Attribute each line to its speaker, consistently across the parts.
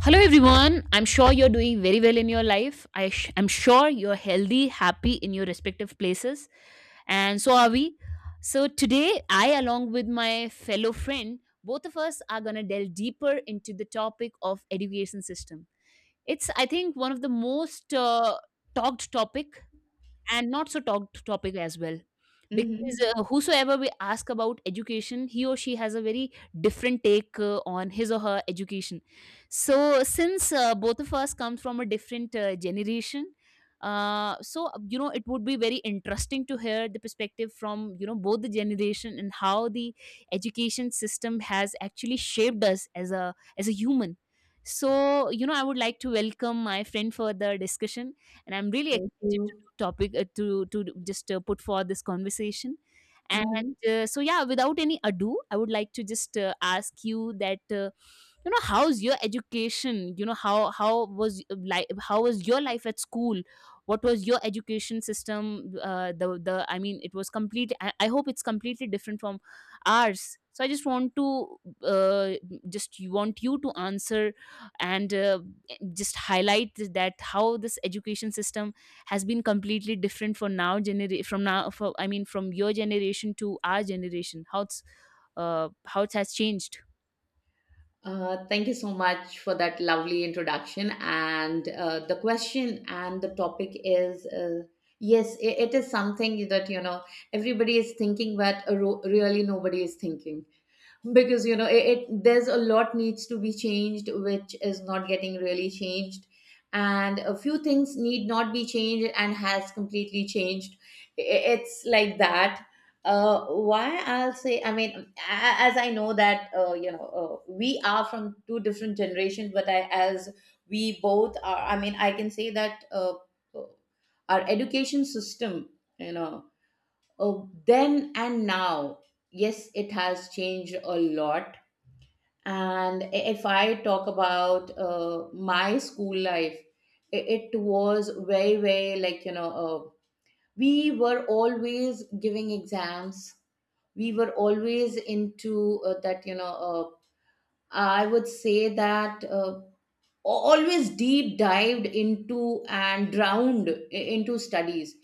Speaker 1: Hello, everyone. I'm sure you're doing very well in your life. I'm sure you're healthy, happy in your respective places. And so are we. So today, I, along with my fellow friend, both of us are going to delve deeper into the topic of education system. It's, I think, one of the most talked topic, and not so talked topic as well, because
Speaker 2: Mm-hmm.
Speaker 1: whosoever we ask about education, he or she has a very different take on his or her education. So since both of us comes from a different generation, so you know it would be very interesting to hear the perspective from both the generation, and how the education system has actually shaped us as a human. So I would like to welcome my friend for the discussion, and I'm really
Speaker 2: Thank
Speaker 1: excited
Speaker 2: you.
Speaker 1: topic to just put for this conversation. And
Speaker 2: Mm-hmm.
Speaker 1: so yeah, without any ado, I would like to just ask you that uh, you know how's your education, you know how was, like, how was your life at school? What was your education system? The I mean it was complete. I hope it's completely different from ours, so I just want to uh, just you want you to answer, and just highlight that how this education system has been completely different for now from now for, I mean from your generation to our generation, how it's how it has changed.
Speaker 2: Thank you so much for that lovely introduction. And the question and the topic is, yes, I it is something that, you know, everybody is thinking, but really nobody is thinking. Because, you know, it there's a lot needs to be changed which is not getting really changed, and a few things need not be changed and has completely changed. I- it's like that. Why I'll say, I mean, as I know that, you know, we are from two different generations, but I as we both are, I mean, I can say that, uh, our education system, you know, oh, then and now, yes, it has changed a lot. And if I talk about my school life, it was very, very, like, you know, we were always giving exams. We were always into, that, you know, uh, I would say that always deep dived into and drowned into studies.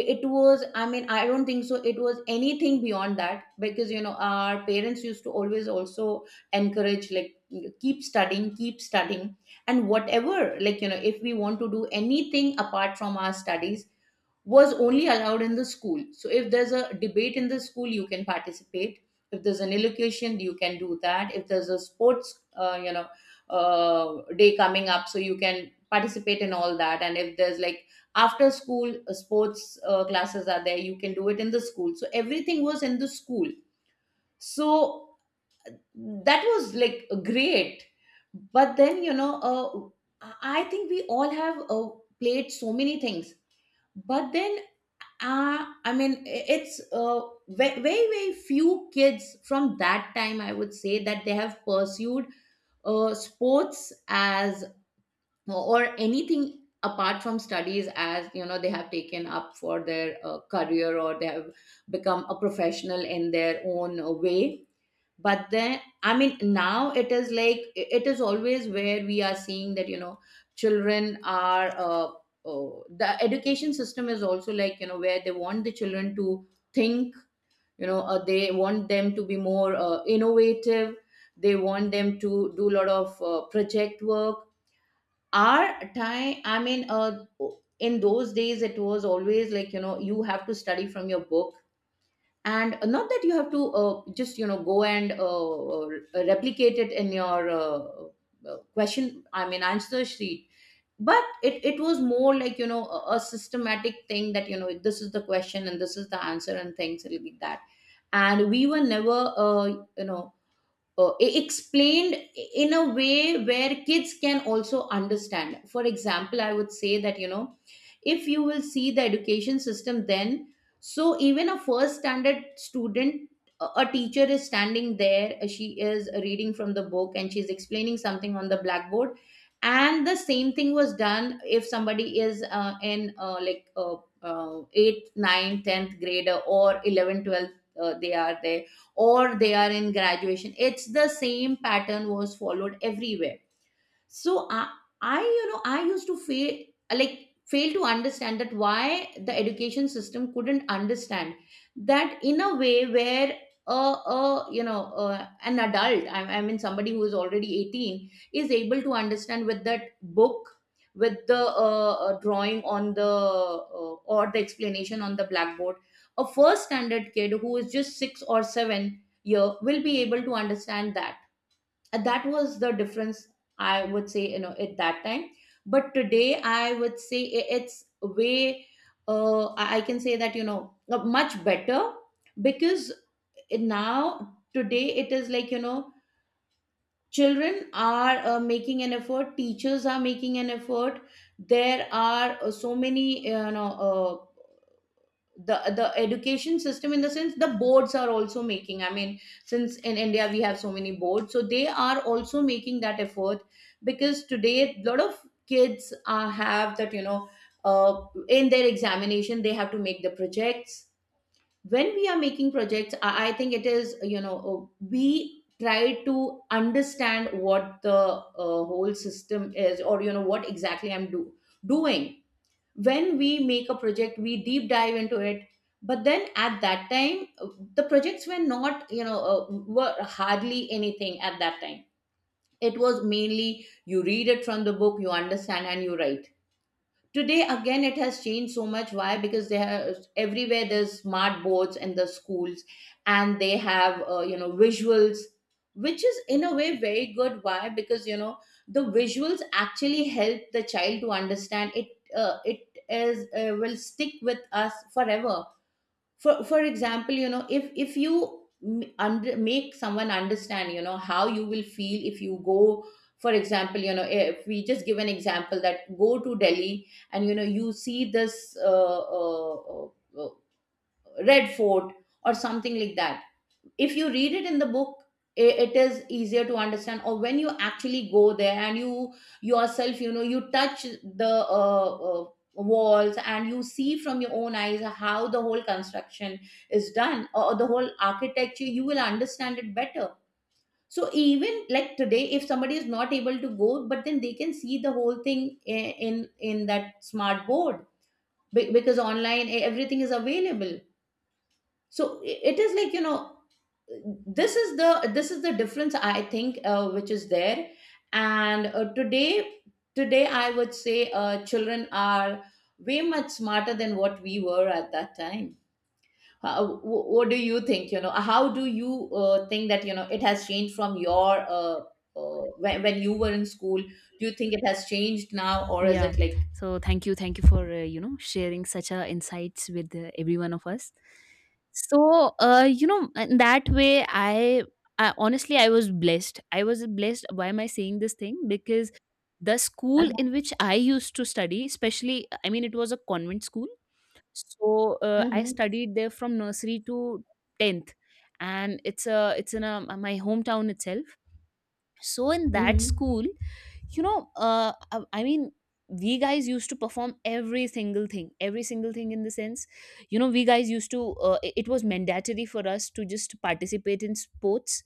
Speaker 2: It was, I mean, I don't think so it was anything beyond that, because you know our parents used to always also encourage, like, keep studying, keep studying. And whatever, like, you know, if we want to do anything apart from our studies, was only allowed in the school. So if there's a debate in the school, you can participate. If there's an elocution, you can do that. If there's a sports, you know, day coming up, so you can participate in all that. And if there's like after school sports classes are there, you can do it in the school. So everything was in the school. So that was like great. But then, you know, I think we all have played so many things, but then, I mean, it's very, very few kids from that time, I would say, that they have pursued sports, as or anything apart from studies, as you know, they have taken up for their career, or they have become a professional in their own way. But then, I mean, now it is like it is always where we are seeing that, you know, children are oh, the education system is also like, you know, where they want the children to think, you know. They want them to be more innovative. They want them to do a lot of project work. Our time, I mean, in those days it was always like, you know, you have to study from your book, and not that you have to just, you know, go and replicate it in your question, I mean, answer sheet. But it was more like, you know, a systematic thing that, you know, this is the question and this is the answer, and things like that. And we were never you know, explained in a way where kids can also understand. For example, I would say that, you know, if you will see the education system then, so even a first standard student, a teacher is standing there, she is reading from the book, and she's explaining something on the blackboard. And the same thing was done, if somebody is in like, 8th, ninth, 10th grader, or 11th, 12th, they are there, or they are in graduation. It's the same pattern was followed everywhere. So i, I you know, I used to fail, like, fail to understand that why the education system couldn't understand, that in a way where a you know, an adult, I mean somebody who is already 18, is able to understand with that book, with the drawing on the, or the explanation on the blackboard, a first standard kid who is just 6 or 7-year will be able to understand that. And that was the difference, I would say, you know, at that time. But today, I would say it's way, I can say that, you know, much better, because, now today it is like, you know, children are making an effort, teachers are making an effort. There are so many you know, the education system, in the sense the boards are also making, I mean, since in India we have so many boards, so they are also making that effort. Because today a lot of kids have that, you know, uh, in their examination they have to make the projects. When we are making projects, I think it is, you know, we try to understand what the whole system is, or you know what exactly I'm doing. When we make a project we deep dive into it. But then at that time, the projects were not, you know, were hardly anything at that time. It was mainly you read it from the book, you understand, and you write. Today again it has changed so much, why, because they have everywhere there's smart boards in the schools, and they have you know, visuals, which is in a way very good, why, because, you know, the visuals actually help the child to understand it. It is, will stick with us forever. For example, you know, if make someone understand, you know, how you will feel if you go, for example, you know, if we just give an example that go to Delhi, and you know you see this uh, Red Fort, or something like that, if you read it in the book, it is easier to understand, or when you actually go there and you yourself, you know, you touch the uh, uh, walls, and you see from your own eyes how the whole construction is done, or the whole architecture, you will understand it better. So even like today, if somebody is not able to go, but then they can see the whole thing i- in in that smart board, because online, everything is available. So it is like, you know, this is the, this is the difference, I think, which is there. And today, I would say children are way much smarter than what we were at that time. What do you think, you know, how do you think that, you know, it has changed from your when you were in school? Do you think it has changed now, or is
Speaker 1: Yeah,
Speaker 2: it like?
Speaker 1: so thank you for you know sharing such a insights with every one of us. So you know in that way, I honestly I was blessed. Why am I saying this thing? Because the school in which I used to study, especially, I mean, it was a convent school. So, I
Speaker 2: Mm-hmm,
Speaker 1: studied there from nursery to 10th, and it's in a my hometown itself. So in that
Speaker 2: mm-hmm,
Speaker 1: school, you know, I mean we guys used to perform every single thing, every single thing in the sense, you know, we guys used to it was mandatory for us to just participate in sports.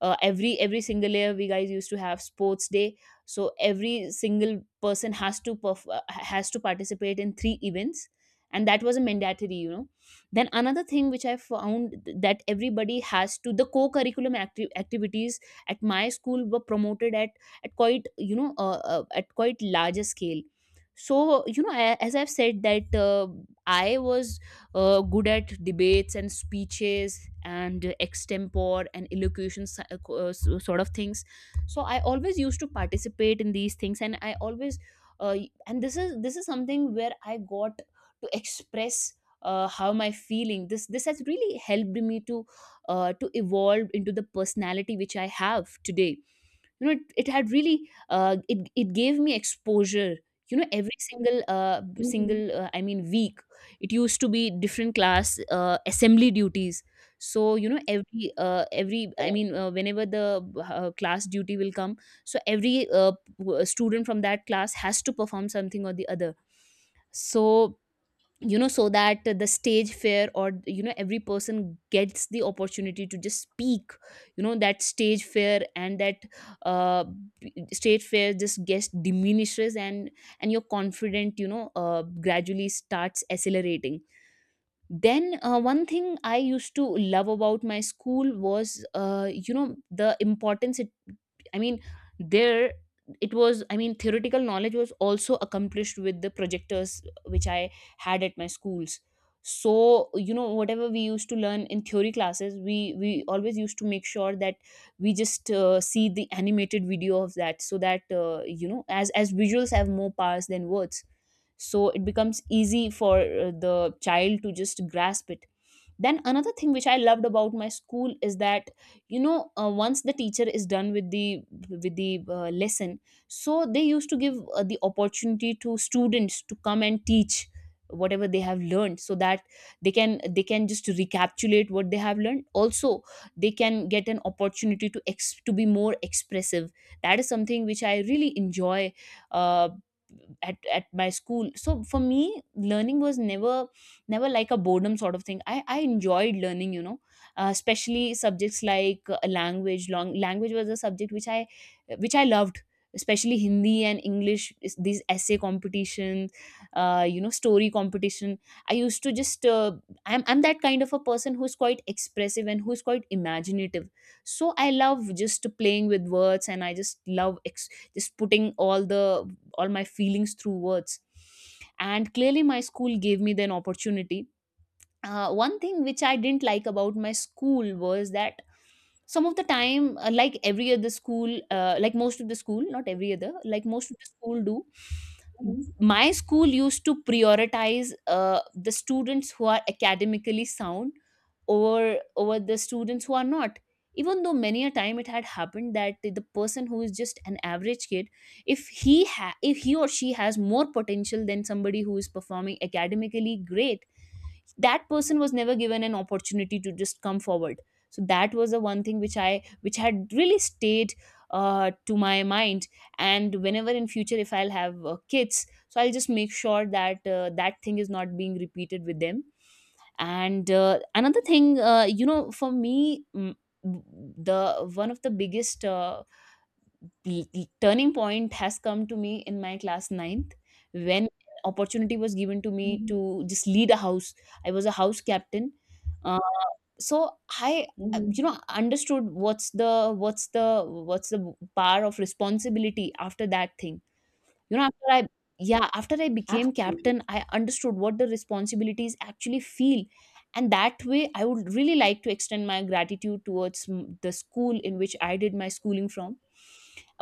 Speaker 1: Every single year we guys used to have sports day. So every single person has to has to participate in three events, and that was a mandatory, you know. Then another thing which I found, that everybody has to — the activities at my school were promoted at quite you know at quite larger scale. So you know, as I've said that I was good at debates and speeches, and extempore and elocution, sort of things. So I always used to participate in these things, and I always and this is something where I got to express how my feeling, this has really helped me to evolve into the personality which I have today. You know it, it had really it gave me exposure. You know every single uh,
Speaker 2: mm-hmm.
Speaker 1: single uh, I mean week, it used to be different class assembly duties. So you know every I
Speaker 2: Correct.
Speaker 1: mean whenever the class duty will come, so every student from that class has to perform something or the other. So you know, so that the stage fair, or, you know, every person gets the opportunity to just speak, you know, that stage fair and that uh, stage fair just gets diminishes, and your confident you know gradually starts accelerating. Then one thing I used to love about my school was you know the importance it — I mean, there it was, I mean, theoretical knowledge was also accomplished with the projectors which I had at my schools. So, you know, whatever we used to learn in theory classes, we always used to make sure that we just see the animated video of that so that, you know, as visuals have more powers than words. So it becomes easy for the child to just grasp it. Then another thing which I loved about my school is that, you know, once the teacher is done with the lesson, so they used to give the opportunity to students to come and teach whatever they have learned, so that they can just recapitulate what they have learned. Also, they can get an opportunity to to be more expressive. That is something which I really enjoy uh, at my school. So for me, learning was never like a boredom sort of thing. I enjoyed learning, you know, especially subjects like language long language was a subject which I loved, especially Hindi and English. These essay competitions, you know, story competition, I used to just I'm that kind of a person who's quite expressive and who's quite imaginative, so I love just playing with words, and I just love just putting all my feelings through words, and clearly my school gave me then opportunity. One thing which I didn't like about my school was that, some of the time, like every other school, like most of the school — not every other, like most of the school do —
Speaker 2: Mm-hmm,
Speaker 1: my school used to prioritize the students who are academically sound over the students who are not. Even though many a time it had happened that the person who is just an average kid, if he if he or she has more potential than somebody who is performing academically great, that person was never given an opportunity to just come forward. So that was the one thing which I which had really stayed to my mind. And whenever in future if I'll have kids, so I'll just make sure that that thing is not being repeated with them. And another thing, you know, for me, the one of the biggest turning point has come to me in my class ninth, when opportunity was given to me
Speaker 2: mm-hmm,
Speaker 1: to just lead a house. I was a house captain. uh, so I you
Speaker 2: mm-hmm.
Speaker 1: know understood what's the what's the power of responsibility after that thing. You know, after I yeah, after I became
Speaker 2: Absolutely.
Speaker 1: captain, I understood what the responsibilities actually feel. And that way, I would really like to extend my gratitude towards the school in which I did my schooling from.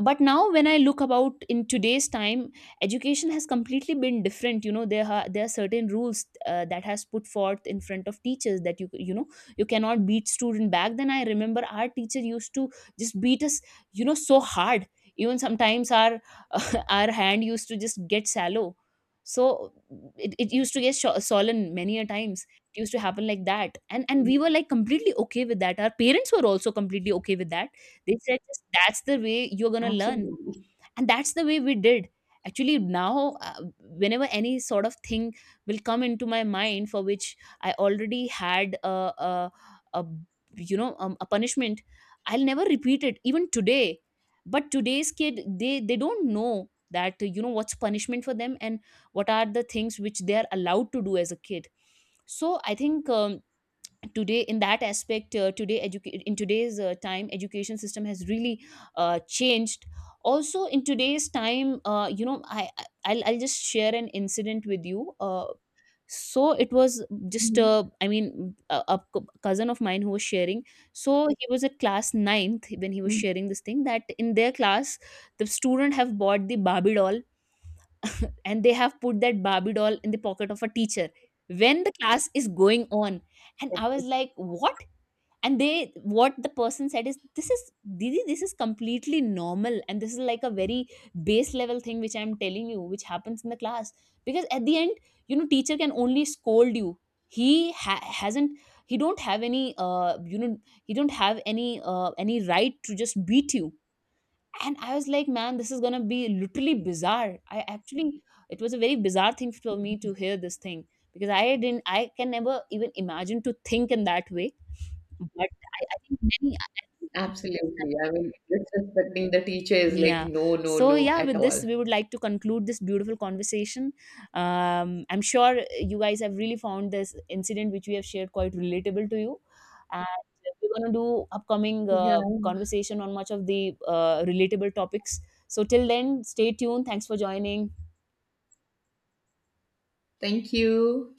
Speaker 1: But now, when I look about in today's time, education has completely been different. You know, there are certain rules that has put forth in front of teachers that you know you cannot beat student. Back then, I remember our teacher used to just beat us, you know, so hard, even sometimes our our hand used to just get sallow. So it used to get swollen many a times. It used to happen like that, and we were like completely okay with that. Our parents were also completely okay with that. They said, just, "That's the way you're gonna learn,
Speaker 2: Absolutely.
Speaker 1: and that's the way we did." Actually now, whenever any sort of thing will come into my mind for which I already had a, a you know, a punishment, I'll never repeat it even today. But today's kid, they don't know that you know what's punishment for them, and what are the things which they are allowed to do as a kid. So I think, today in that aspect, today in today's time, education system has really changed. Also in today's time, you know, I'll just share an incident with you. So it was just
Speaker 2: Mhm.
Speaker 1: I mean cousin of mine who was sharing. So he was at class ninth when he was
Speaker 2: Mm.
Speaker 1: sharing this thing, that in their class the student have bought the Barbie doll, and they have put that Barbie doll in the pocket of a teacher when the class is going on. And I
Speaker 2: Okay.
Speaker 1: was like, what? And they — what the person said is, this is, didi, this is completely normal, and this is like a very base level thing which I'm telling you, which happens in the class. Because at the end, you know, teacher can only scold you, he hasn't — he don't have any you know he don't have any right to just beat you. And I was like, man, this is gonna be literally bizarre. I actually — it was a very bizarre thing for me to hear this thing, because I didn't — I can never even imagine to think in that way. But I think many.
Speaker 2: Absolutely. I mean, disrespecting the teacher is like
Speaker 1: Yeah.
Speaker 2: no, no,
Speaker 1: So
Speaker 2: no
Speaker 1: yeah,
Speaker 2: at
Speaker 1: with this,
Speaker 2: all.
Speaker 1: we would like to conclude this beautiful conversation. I'm sure you guys have really found this incident which we have shared quite relatable to you. And we're going to do upcoming
Speaker 2: Yeah.
Speaker 1: conversation on much of the relatable topics. So till then, stay tuned. Thanks for joining.
Speaker 2: Thank you.